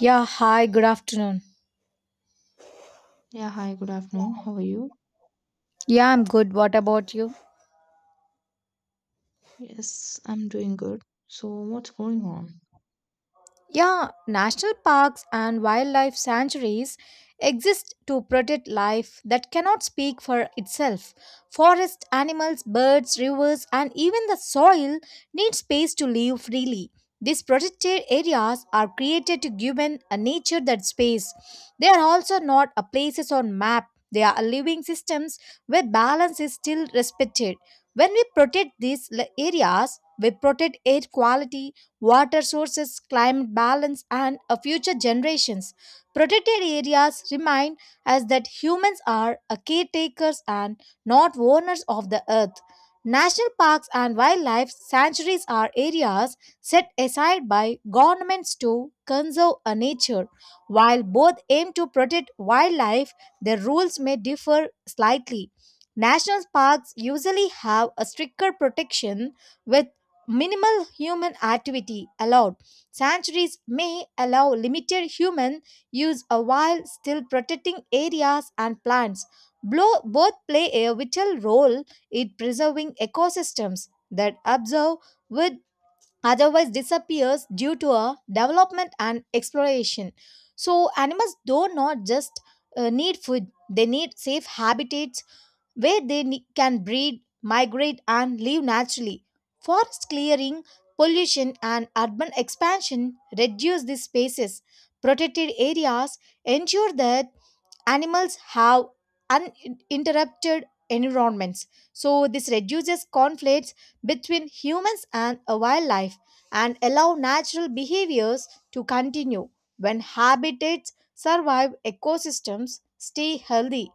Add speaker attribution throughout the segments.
Speaker 1: Yeah, hi, good afternoon.
Speaker 2: Yeah, hi, good afternoon. How are you?
Speaker 1: Yeah, I'm good. What about you?
Speaker 2: Yes, I'm doing good. So, what's going on?
Speaker 1: Yeah, national parks and wildlife sanctuaries exist to protect life that cannot speak for itself. Forest animals, birds, rivers, and even the soil need space to live freely. These protected areas are created to give a nature that space. They are also not a places on map. They are living systems where balance is still respected. When we protect these areas, we protect air quality, water sources, climate balance, and future generations. Protected areas remind us that humans are caretakers and not owners of the earth. National parks and wildlife sanctuaries are areas set aside by governments to conserve a nature. While both aim to protect wildlife, their rules may differ slightly. National parks usually have a stricter protection with minimal human activity allowed. Sanctuaries may allow limited human use a while still protecting areas and plants. Both play a vital role in preserving ecosystems that observe would otherwise disappear due to a development and exploration. So animals do not just need food; they need safe habitats where they can breed, migrate, and live naturally. Forest clearing, pollution, and urban expansion reduce these spaces. Protected areas ensure that animals have uninterrupted environments, so this reduces conflicts between humans and a wildlife and allow natural behaviors to continue. When habitats survive, ecosystems stay healthy.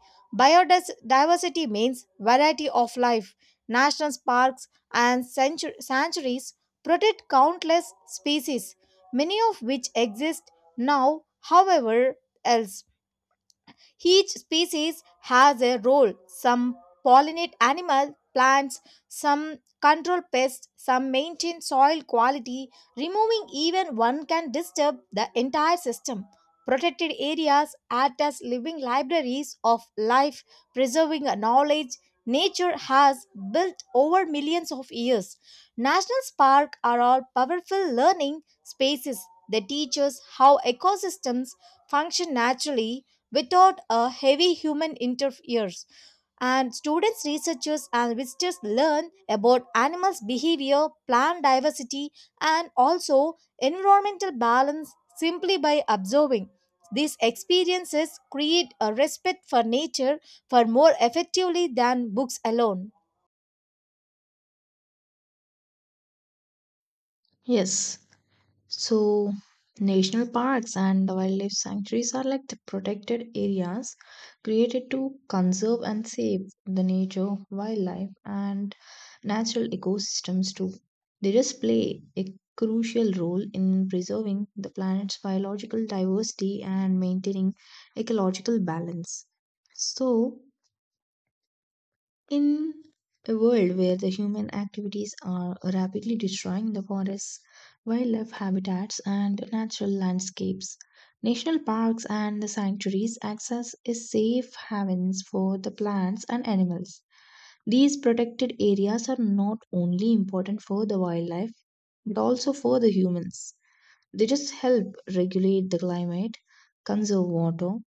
Speaker 1: Biodiversity means variety of life. National parks and sanctuaries protect countless species, many of which exist now however else. Each species has a role. Some pollinate animals, plants, some control pests, some maintain soil quality. Removing even one can disturb the entire system. Protected areas act as living libraries of life, preserving a knowledge nature has built over millions of years. National parks are all powerful learning spaces. They teach us how ecosystems function naturally without a heavy human interference. And students, researchers, and visitors learn about animals' behavior, plant diversity, and also environmental balance simply by observing. These experiences create a respect for nature for more effectively than books alone.
Speaker 2: Yes, so national parks and wildlife sanctuaries are like the protected areas created to conserve and save the nature, wildlife, and natural ecosystems too. They just play a crucial role in preserving the planet's biological diversity and maintaining ecological balance. So, in a world where the human activities are rapidly destroying the forests, wildlife habitats, and natural landscapes, national parks and the sanctuaries act as a safe havens for the plants and animals. These protected areas are not only important for the wildlife but also for the humans. They just help regulate the climate, conserve water,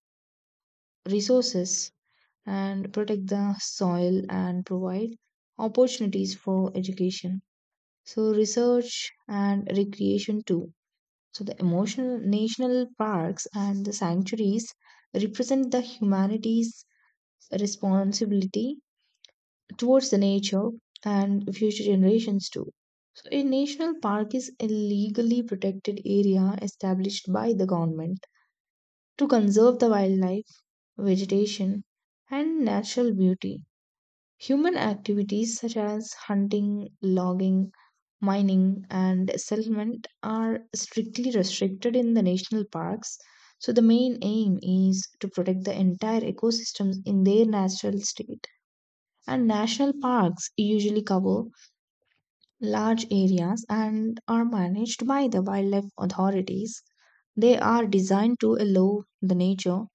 Speaker 2: resources, and protect the soil and provide opportunities for education. So research and recreation too. So the emotional national parks and the sanctuaries represent the humanity's responsibility towards the nature and future generations too. So a national park is a legally protected area established by the government to conserve the wildlife, vegetation, and natural beauty. Human activities such as hunting, logging, mining, and settlement are strictly restricted in the national parks. So, the main aim is to protect the entire ecosystems in their natural state. And national parks usually cover large areas and are managed by the wildlife authorities. They are designed to allow the nature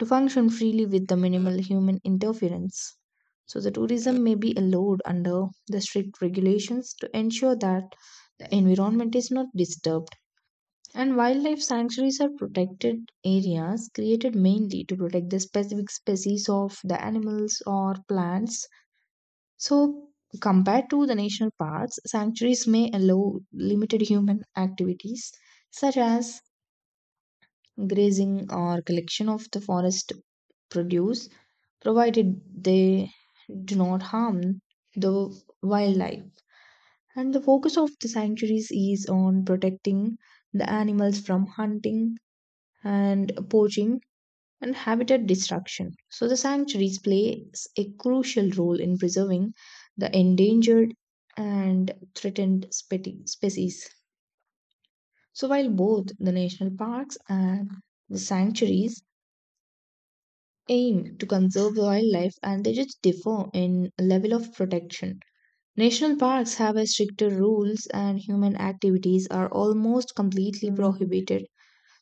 Speaker 2: to function freely with the minimal human interference. So, the tourism may be allowed under the strict regulations to ensure that the environment is not disturbed. And wildlife sanctuaries are protected areas created mainly to protect the specific species of the animals or plants. So, compared to the national parks, sanctuaries may allow limited human activities such as grazing or collection of the forest produce, provided they do not harm the wildlife. And the focus of the sanctuaries is on protecting the animals from hunting and poaching and habitat destruction. So the sanctuaries play a crucial role in preserving the endangered and threatened species. So while both the national parks and the sanctuaries aim to conserve wildlife and they just differ in level of protection. National parks have a stricter rules and human activities are almost completely prohibited.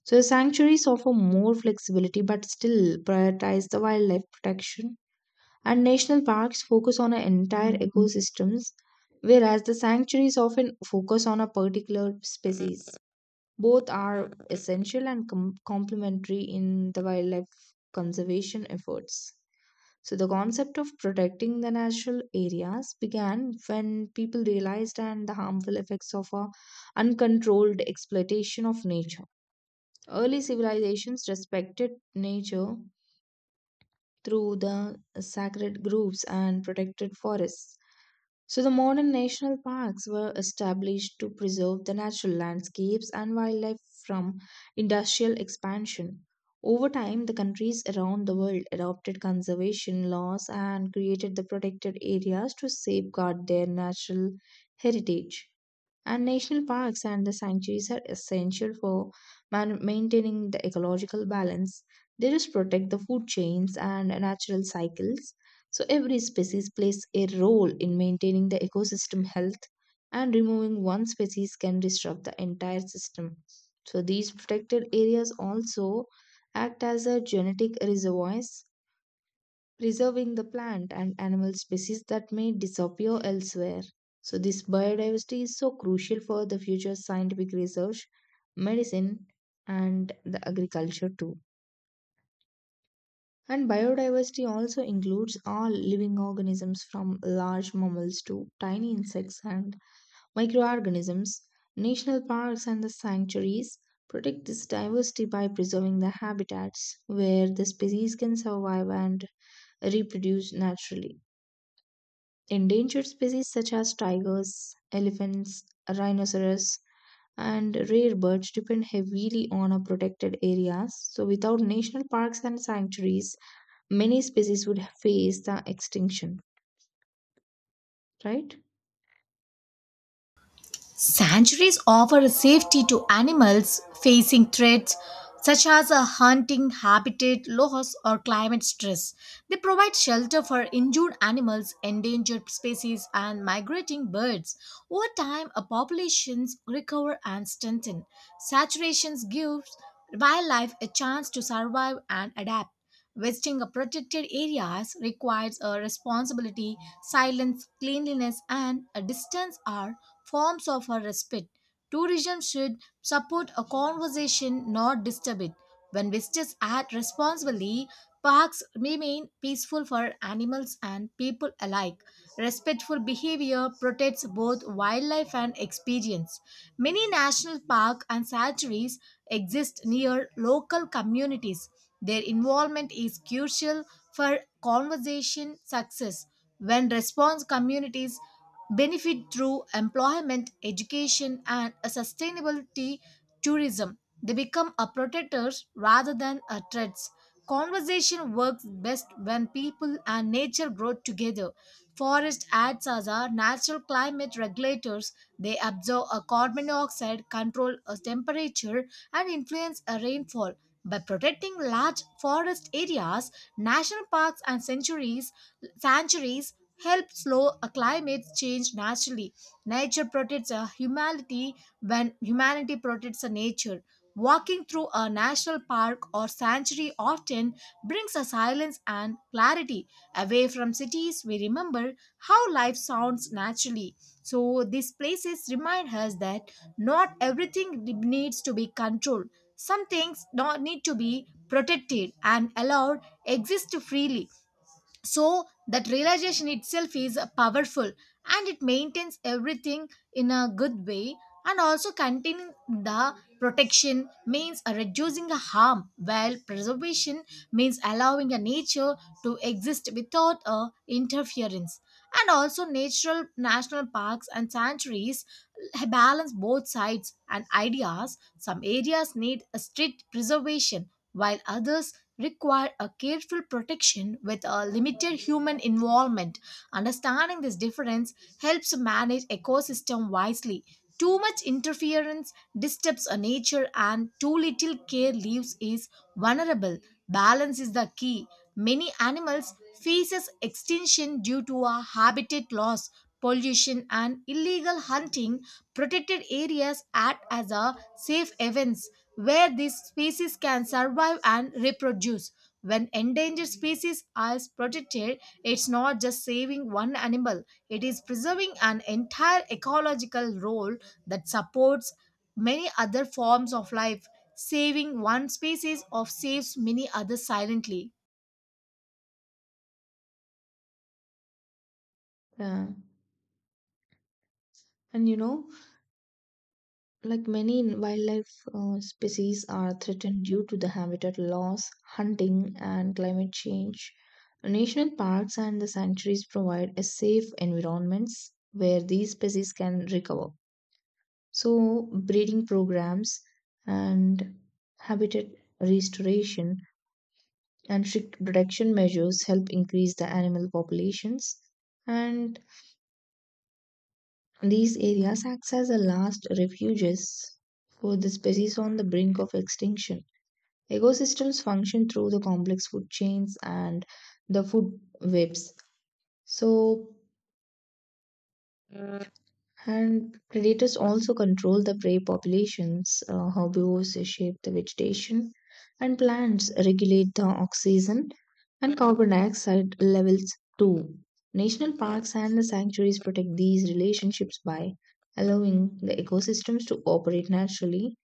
Speaker 2: So the sanctuaries offer more flexibility but still prioritize the wildlife protection. And national parks focus on an entire ecosystems whereas the sanctuaries often focus on a particular species. Both are essential and complementary in the wildlife conservation efforts. So the concept of protecting the natural areas began when people realized and the harmful effects of a uncontrolled exploitation of nature. Early civilizations respected nature through the sacred groves and protected forests. So, the modern national parks were established to preserve the natural landscapes and wildlife from industrial expansion. Over time, the countries around the world adopted conservation laws and created the protected areas to safeguard their natural heritage. And national parks and the sanctuaries are essential for maintaining the ecological balance. They just protect the food chains and natural cycles. So every species plays a role in maintaining the ecosystem health, and removing one species can disrupt the entire system. So these protected areas also act as a genetic reservoirs, preserving the plant and animal species that may disappear elsewhere. So this biodiversity is so crucial for the future scientific research, medicine, and the agriculture too. And biodiversity also includes all living organisms from large mammals to tiny insects and microorganisms. National parks and the sanctuaries protect this diversity by preserving the habitats where the species can survive and reproduce naturally. Endangered species such as tigers, elephants, rhinoceros, and rare birds depend heavily on our protected areas. So, without national parks and sanctuaries, many species would face the extinction, right?
Speaker 1: Sanctuaries offer safety to animals facing threats such as a hunting habitat loss or climate stress. They provide shelter for injured animals, endangered species, and migrating birds. Over time, a populations recover and strengthen. Saturations gives wildlife a chance to survive and adapt. Visiting a protected areas requires a responsibility. Silence, cleanliness, and a distance are forms of a respite. Tourism should support a conversation, not disturb it. When visitors act responsibly, parks remain peaceful for animals and people alike. Respectful behavior protects both wildlife and experience. Many national parks and sanctuaries exist near local communities. Their involvement is crucial for conservation success. When response communities benefit through employment, education, and a sustainability tourism, they become a protectors rather than a threats. Conversation works best when people and nature grow together. Forest acts as our natural climate regulators. They absorb a carbon dioxide, control a temperature, and influence a rainfall. By protecting large forest areas, national parks and sanctuaries, sanctuaries help slow a climate change naturally. Nature protects a humanity when humanity protects a nature. Walking through a national park or sanctuary often brings a silence and clarity away from cities. We remember how life sounds naturally. So these places remind us that not everything needs to be controlled. Some things don't need to be protected and allowed exist freely, so that realization itself is powerful and it maintains everything in a good way. And also containing the protection means reducing the harm, while preservation means allowing a nature to exist without a interference. And also natural national parks and sanctuaries balance both sides and ideas. Some areas need a strict preservation, while others require a careful protection with a limited human involvement. Understanding this difference helps manage ecosystem wisely. Too much interference disturbs a nature, and too little care leaves is vulnerable. Balance is the key. Many animals faces extinction due to a habitat loss, pollution, and illegal hunting. Protected areas act as a safe havens where these species can survive and reproduce. When endangered species are protected, it's not just saving one animal, it is preserving an entire ecological role that supports many other forms of life. Saving one species of saves many others silently.
Speaker 2: Yeah. And you know, like many wildlife species are threatened due to the habitat loss, hunting and climate change. National parks and the sanctuaries provide a safe environments where these species can recover, so breeding programs and habitat restoration and strict protection measures help increase the animal populations, and these areas act as the last refuges for the species on the brink of extinction. Ecosystems function through the complex food chains and the food webs. So, and predators also control the prey populations. Herbivores shape the vegetation, and plants regulate the oxygen and carbon dioxide levels too. National parks and the sanctuaries protect these relationships by allowing the ecosystems to operate naturally.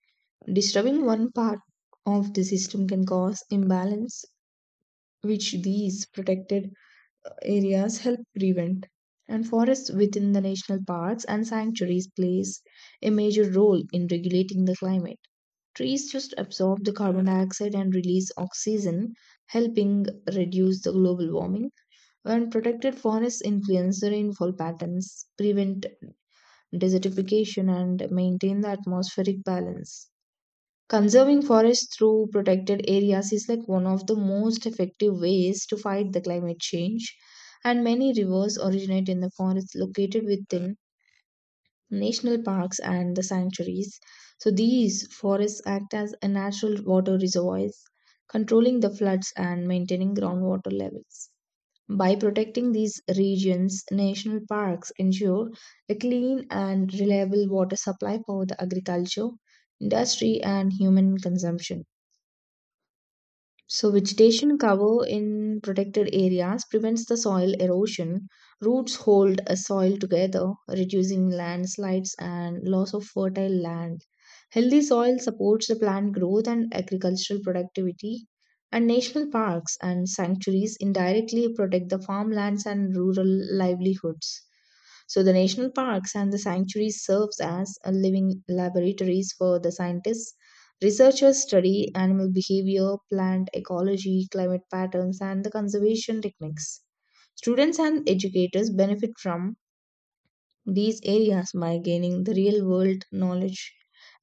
Speaker 2: Disturbing one part of the system can cause imbalance, which these protected areas help prevent. And forests within the national parks and sanctuaries plays a major role in regulating the climate. Trees just absorb the carbon dioxide and release oxygen, helping reduce the global warming. When protected forests influence the rainfall patterns, prevent desertification, and maintain the atmospheric balance. Conserving forests through protected areas is like one of the most effective ways to fight the climate change. And many rivers originate in the forests located within national parks and the sanctuaries. So these forests act as a natural water reservoirs, controlling the floods and maintaining groundwater levels. By protecting these regions, national parks ensure a clean and reliable water supply for the agriculture, industry, and human consumption. So vegetation cover in protected areas prevents the soil erosion. Roots hold a soil together, reducing landslides and loss of fertile land. Healthy soil supports the plant growth and agricultural productivity. And national parks and sanctuaries indirectly protect the farmlands and rural livelihoods. So the national parks and the sanctuaries serves as a living laboratories for the scientists. Researchers study animal behavior, plant ecology, climate patterns, and the conservation techniques. Students and educators benefit from these areas by gaining the real world knowledge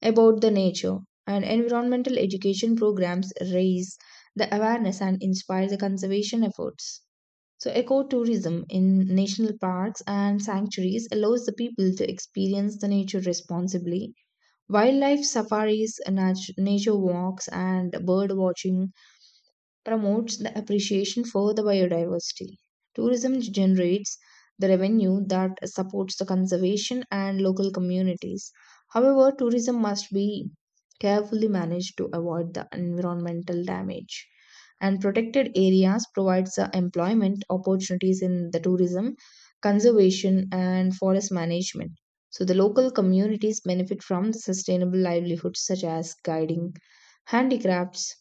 Speaker 2: about the nature, and environmental education programs raise the awareness and inspire the conservation efforts. So, ecotourism in national parks and sanctuaries allows the people to experience the nature responsibly. Wildlife safaris, nature walks, and bird watching promotes the appreciation for the biodiversity. Tourism generates the revenue that supports the conservation and local communities. However, tourism must be carefully managed to avoid the environmental damage. And protected areas provides the employment opportunities in the tourism, conservation, and forest management. So the local communities benefit from the sustainable livelihoods such as guiding, handicrafts,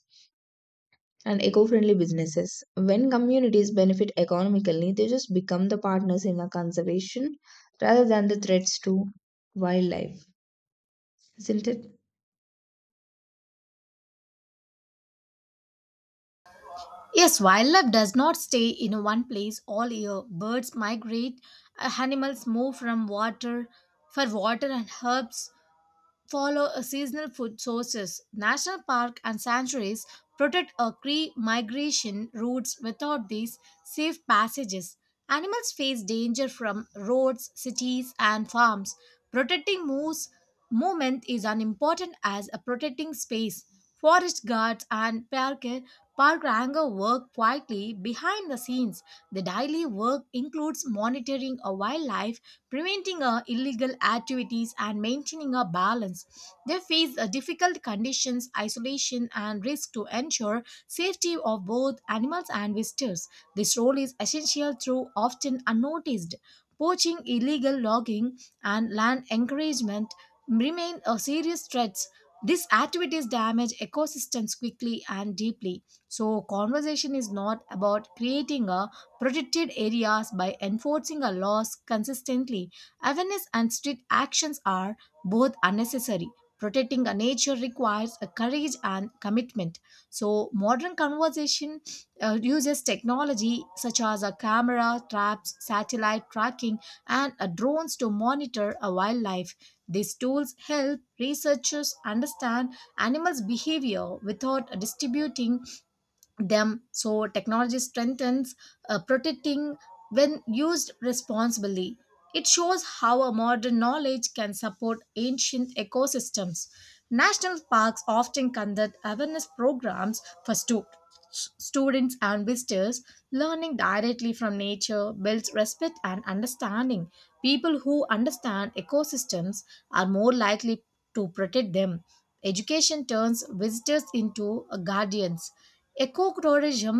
Speaker 2: and eco friendly businesses. When communities benefit economically, they just become the partners in the conservation rather than the threats to wildlife, isn't it?
Speaker 1: Yes, wildlife does not stay in one place all year. Birds migrate, animals move from water for water, and herbs follow a seasonal food sources. National park and sanctuaries protect a key migration routes without these safe passages. Animals face danger from roads, cities, and farms. Protecting moose movement is as important as a protecting space. Forest guards and park ranger work quietly behind the scenes. The daily work includes monitoring a wildlife, preventing illegal activities, and maintaining a balance. They face difficult conditions, isolation, and risk to ensure safety of both animals and visitors. This role is essential through often unnoticed. Poaching, illegal logging, and land encouragement remain serious threats. These activities damage ecosystems quickly and deeply. So conversation is not about creating a protected areas by enforcing our laws consistently. Awareness and strict actions are both unnecessary. Protecting our nature requires a courage and commitment. So modern conversation uses technology such as a camera, traps, satellite tracking, and drones to monitor a wildlife. These tools help researchers understand animals' behavior without distributing them. So technology strengthens protecting when used responsibly. It shows how a modern knowledge can support ancient ecosystems. National parks often conduct awareness programs for students and visitors. Learning directly from nature builds respect and understanding. People who understand ecosystems are more likely to protect them. Education turns visitors into guardians. Eco tourism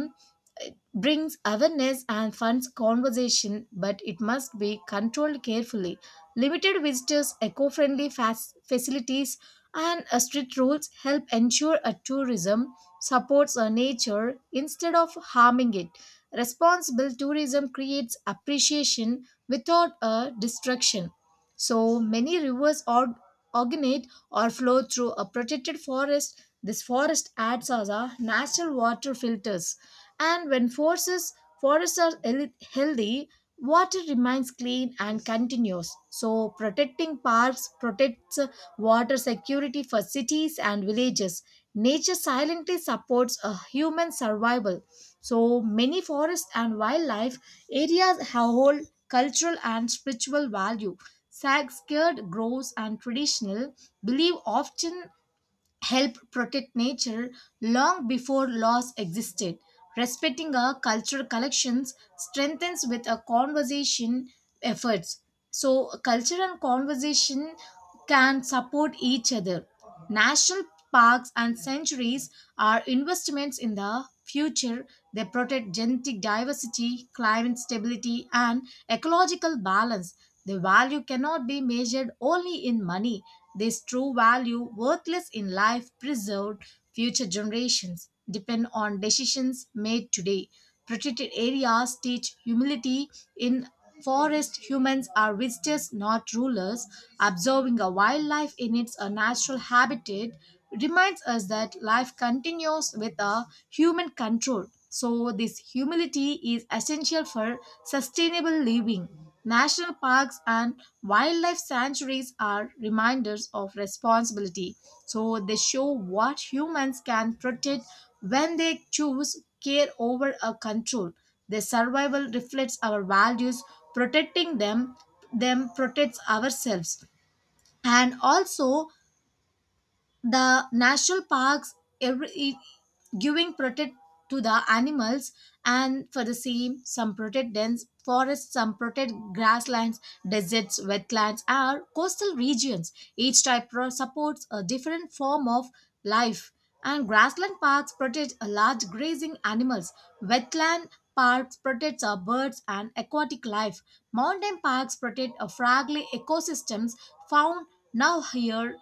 Speaker 1: brings awareness and funds conversation, but it must be controlled carefully. Limited visitors, eco friendly facilities, and strict rules help ensure a tourism supports nature instead of harming it. Responsible tourism creates appreciation without a destruction. So many rivers or originate or flow through a protected forest. This forest acts as a natural water filters, and when forests are healthy, water remains clean and continuous. So protecting parks protects water security for cities and villages. Nature silently supports a human survival. So many forests and wildlife areas have hold cultural and spiritual value. Sag scared grows and traditional belief often helped protect nature long before laws existed. Respecting our cultural collections strengthens with a conversation efforts. So culture and conversation can support each other. National parks and sanctuaries are investments in the future. They protect genetic diversity, climate stability, and ecological balance. The value cannot be measured only in money. This true value, worthless in life preserved, future generations depend on decisions made today. Protected areas teach humility. In forest, humans are visitors, not rulers. Observing a wildlife in its natural habitat reminds us that life continues with a human control. So this humility is essential for sustainable living. National parks and wildlife sanctuaries are reminders of responsibility, so they show what humans can protect when they choose care over a control. Their survival reflects our values, protecting them protects ourselves. And also, the national parks every i- giving protect to the animals, and for the same, some protect dense forests, some protect grasslands, deserts, wetlands, are coastal regions. Each type supports a different form of life. And grassland parks protect a large grazing animals, wetland parks protect our birds and aquatic life, mountain parks protect a fragile ecosystems found now here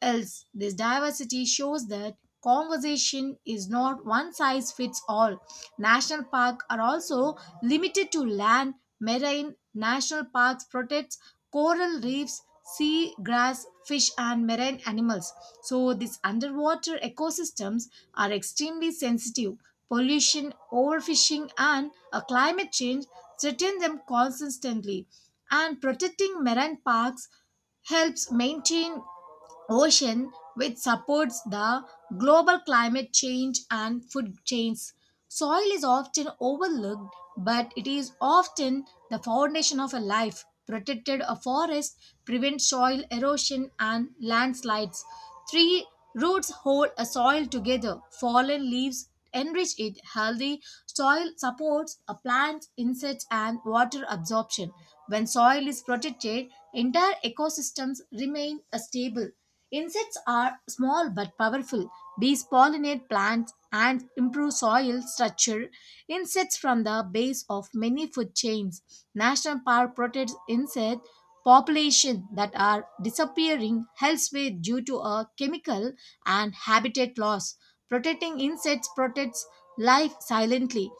Speaker 1: else. This diversity shows that conversation is not one size fits all. National parks are also limited to land. Marine national parks protects coral reefs, sea grass, fish, and marine animals. So these underwater ecosystems are extremely sensitive. Pollution, overfishing, and climate change threaten them consistently, and protecting marine parks helps maintain ocean, which supports the global climate change and food chains. Soil is often overlooked, but it is often the foundation of a life. Protected a forest prevents soil erosion and landslides. Tree roots hold a soil together. Fallen leaves enrich it. Healthy soil supports a plant's insects and water absorption. When soil is protected, entire ecosystems remain a stable. Insects are small but powerful. Bees pollinate plants and improve soil structure. Insects from the base of many food chains. National Park protects insect population that are disappearing elsewhere due to a chemical and habitat loss. Protecting insects protects life silently.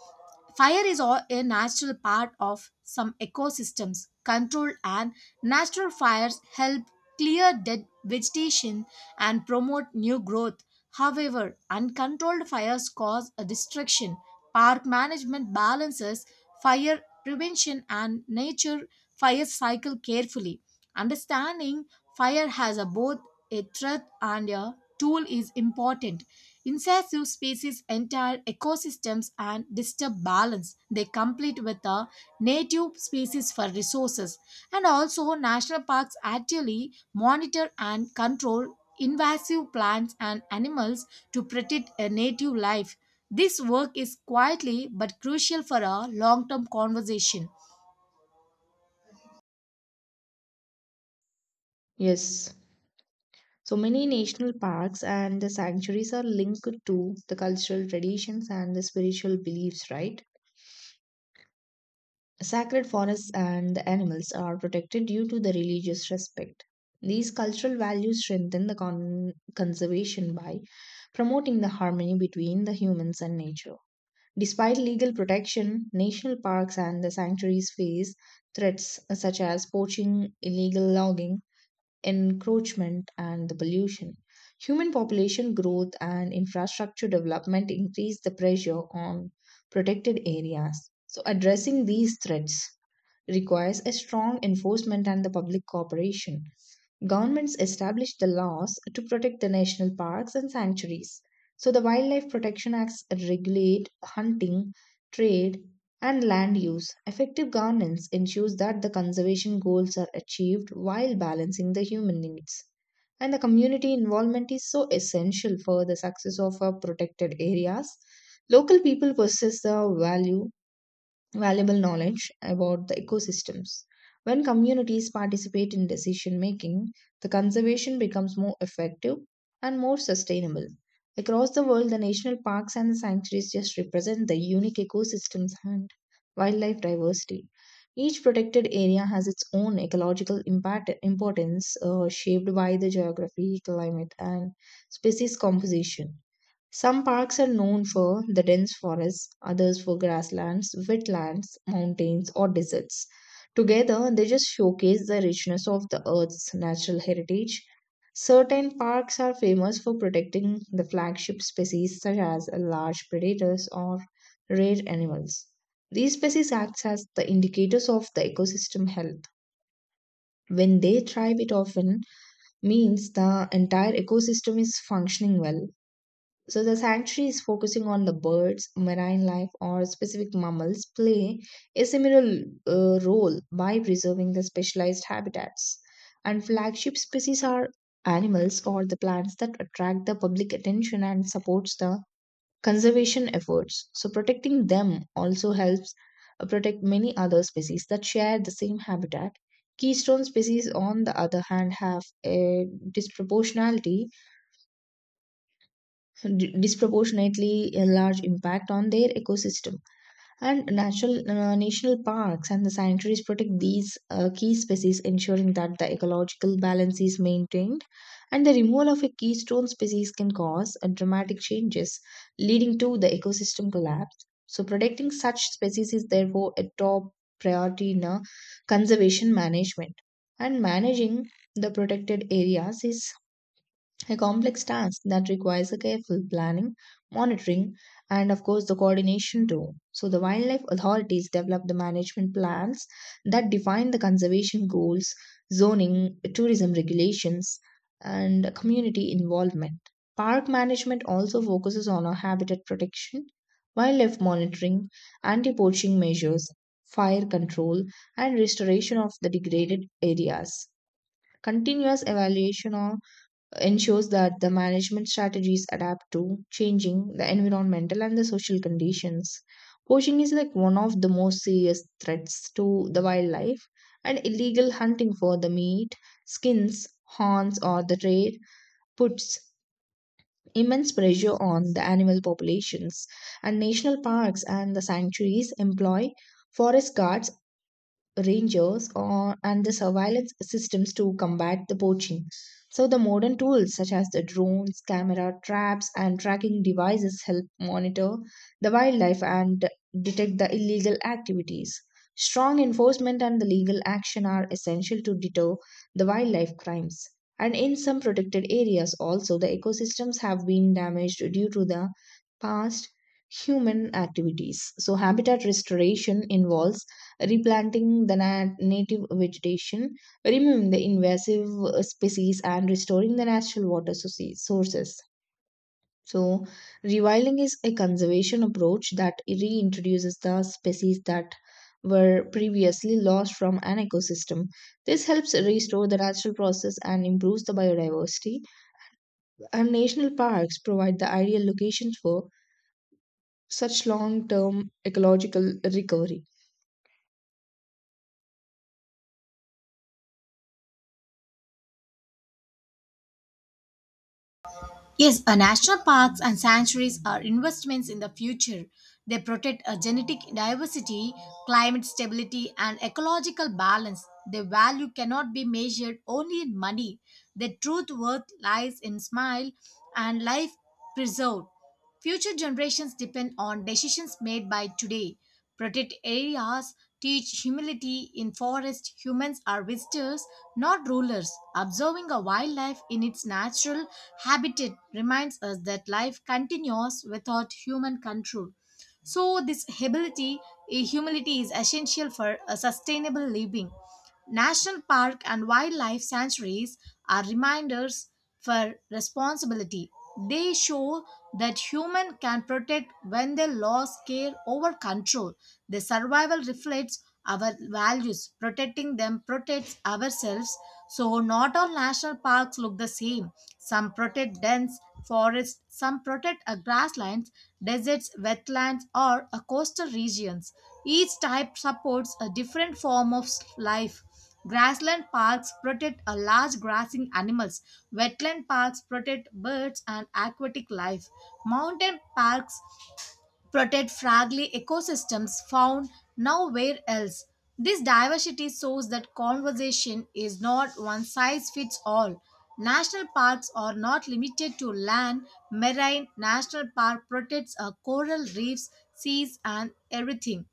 Speaker 1: Fire is all a natural part of some ecosystems. Controlled and natural fires help clear dead vegetation and promote new growth. However, uncontrolled fires cause a destruction. Park management balances fire prevention and nature fire cycle carefully. Understanding fire has a both a threat and a tool is important. Invasive species entire ecosystems and disturb balance. They compete with the native species for resources. And also, national parks actually monitor and control invasive plants and animals to protect a native life. This work is quietly but crucial for a long term conservation.
Speaker 2: Yes. So many national parks and the sanctuaries are linked to the cultural traditions and the spiritual beliefs, right? Sacred forests and the animals are protected due to the religious respect. These cultural values strengthen the conservation by promoting the harmony between the humans and nature. Despite legal protection, national parks and the sanctuaries face threats such as poaching, illegal logging, encroachment, and the pollution. Human population growth and infrastructure development increase the pressure on protected areas. So, addressing these threats requires a strong enforcement and the public cooperation. Governments established the laws to protect the national parks and sanctuaries. So the Wildlife Protection Acts regulate hunting, trade, and land use. Effective governance ensures that the conservation goals are achieved while balancing the human needs. And the community involvement is so essential for the success of our protected areas. Local people possess the value valuable knowledge about the ecosystems. When communities participate in decision making, the conservation becomes more effective and more sustainable. Across the world, the national parks and the sanctuaries just represent the unique ecosystems and wildlife diversity. Each protected area has its own ecological impact, importance shaped by the geography, climate, and species composition. Some parks are known for the dense forests, others for grasslands, wetlands, mountains, or deserts. Together, they just showcase the richness of the Earth's natural heritage. Certain parks are famous for protecting the flagship species, such as large predators or rare animals. These species act as the indicators of the ecosystem health. When they thrive, it often means the entire ecosystem is functioning well, so the sanctuary is focusing on the birds, marine life, or specific mammals play a similar role by preserving the specialized habitats. And flagship species are animals or the plants that attract the public attention and supports the conservation efforts. So protecting them also helps protect many other species that share the same habitat. Keystone species, on the other hand, have a disproportionately a large impact on their ecosystem, and natural national parks and the sanctuaries protect these key species, ensuring that the ecological balance is maintained, and the removal of a keystone species can cause dramatic changes leading to the ecosystem collapse. So protecting such species is therefore a top priority in conservation management. And managing the protected areas is a complex task that requires a careful planning, monitoring, and of course the coordination too. So the wildlife authorities develop the management plans that define the conservation goals, zoning, tourism regulations, and community involvement. Park management also focuses on a habitat protection, wildlife monitoring, anti-poaching measures, fire control, and restoration of the degraded areas. Continuous evaluation of ensures that the management strategies adapt to changing the environmental and the social conditions. Poaching is like one of the most serious threats to the wildlife, and illegal hunting for the meat, skins, horns, or the trade puts immense pressure on the animal populations. And national parks and the sanctuaries employ forest guards, rangers or and the surveillance systems to combat the poaching. So, the modern tools such as the drones, camera traps, and tracking devices help monitor the wildlife and detect the illegal activities. Strong enforcement and the legal action are essential to deter the wildlife crimes. And in some protected areas, also, the ecosystems have been damaged due to the past human activities. So, habitat restoration involves replanting the native vegetation, removing the invasive species, and restoring the natural sources. So, rewilding is a conservation approach that reintroduces the species that were previously lost from an ecosystem. This helps restore the natural process and improves the biodiversity. And national parks provide the ideal locations for such long term ecological recovery.
Speaker 1: Yes, national parks and sanctuaries are investments in the future. They protect a genetic diversity, climate stability, and ecological balance. Their value cannot be measured only in money. Their truth worth lies in smile and life preserved. Future generations depend on decisions made by today. Protect areas, teach humility. In forest, humans are visitors, not rulers. Observing a wildlife in its natural habitat reminds us that life continues without human control. So this ability, humility is essential for a sustainable living. National park and wildlife sanctuaries are reminders for responsibility. They show that human can protect when they lost care over control. Their survival reflects our values. Protecting them protects ourselves. So not all national parks look the same. Some protect dense forests, some protect grasslands, deserts, wetlands, or coastal regions. Each type supports a different form of life. Grassland parks protect a large grazing animals. Wetland parks protect birds and aquatic life. Mountain parks protect fragile ecosystems found nowhere else. This diversity shows that conservation is not one size fits all. National parks are not limited to land. Marine national park protects coral reefs, seas, and everything.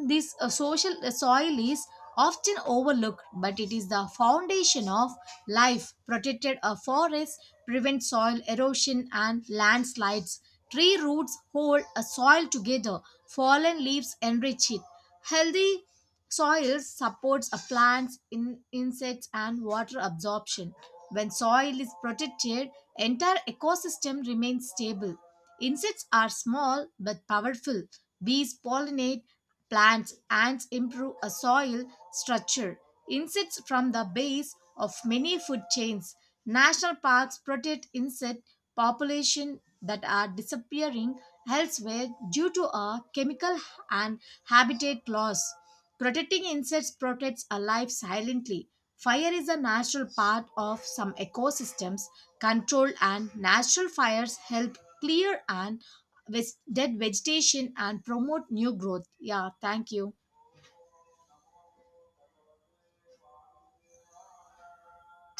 Speaker 1: And this social soil is often overlooked, but it is the foundation of life. Protected forests prevent soil erosion and landslides. Tree roots hold a soil together. Fallen leaves enrich it. Healthy soil supports a insects, and water absorption. When soil is protected, entire ecosystem remains stable. Insects are small but powerful. Bees pollinate plants, ants improve a soil structure. Insects from the base of many food chains. National parks protect insect population that are disappearing elsewhere due to a chemical and habitat loss. Protecting insects protects a life silently. Fire is a natural part of some ecosystems. Controlled and natural fires help clear and dead vegetation and promote new growth. Yeah, thank you.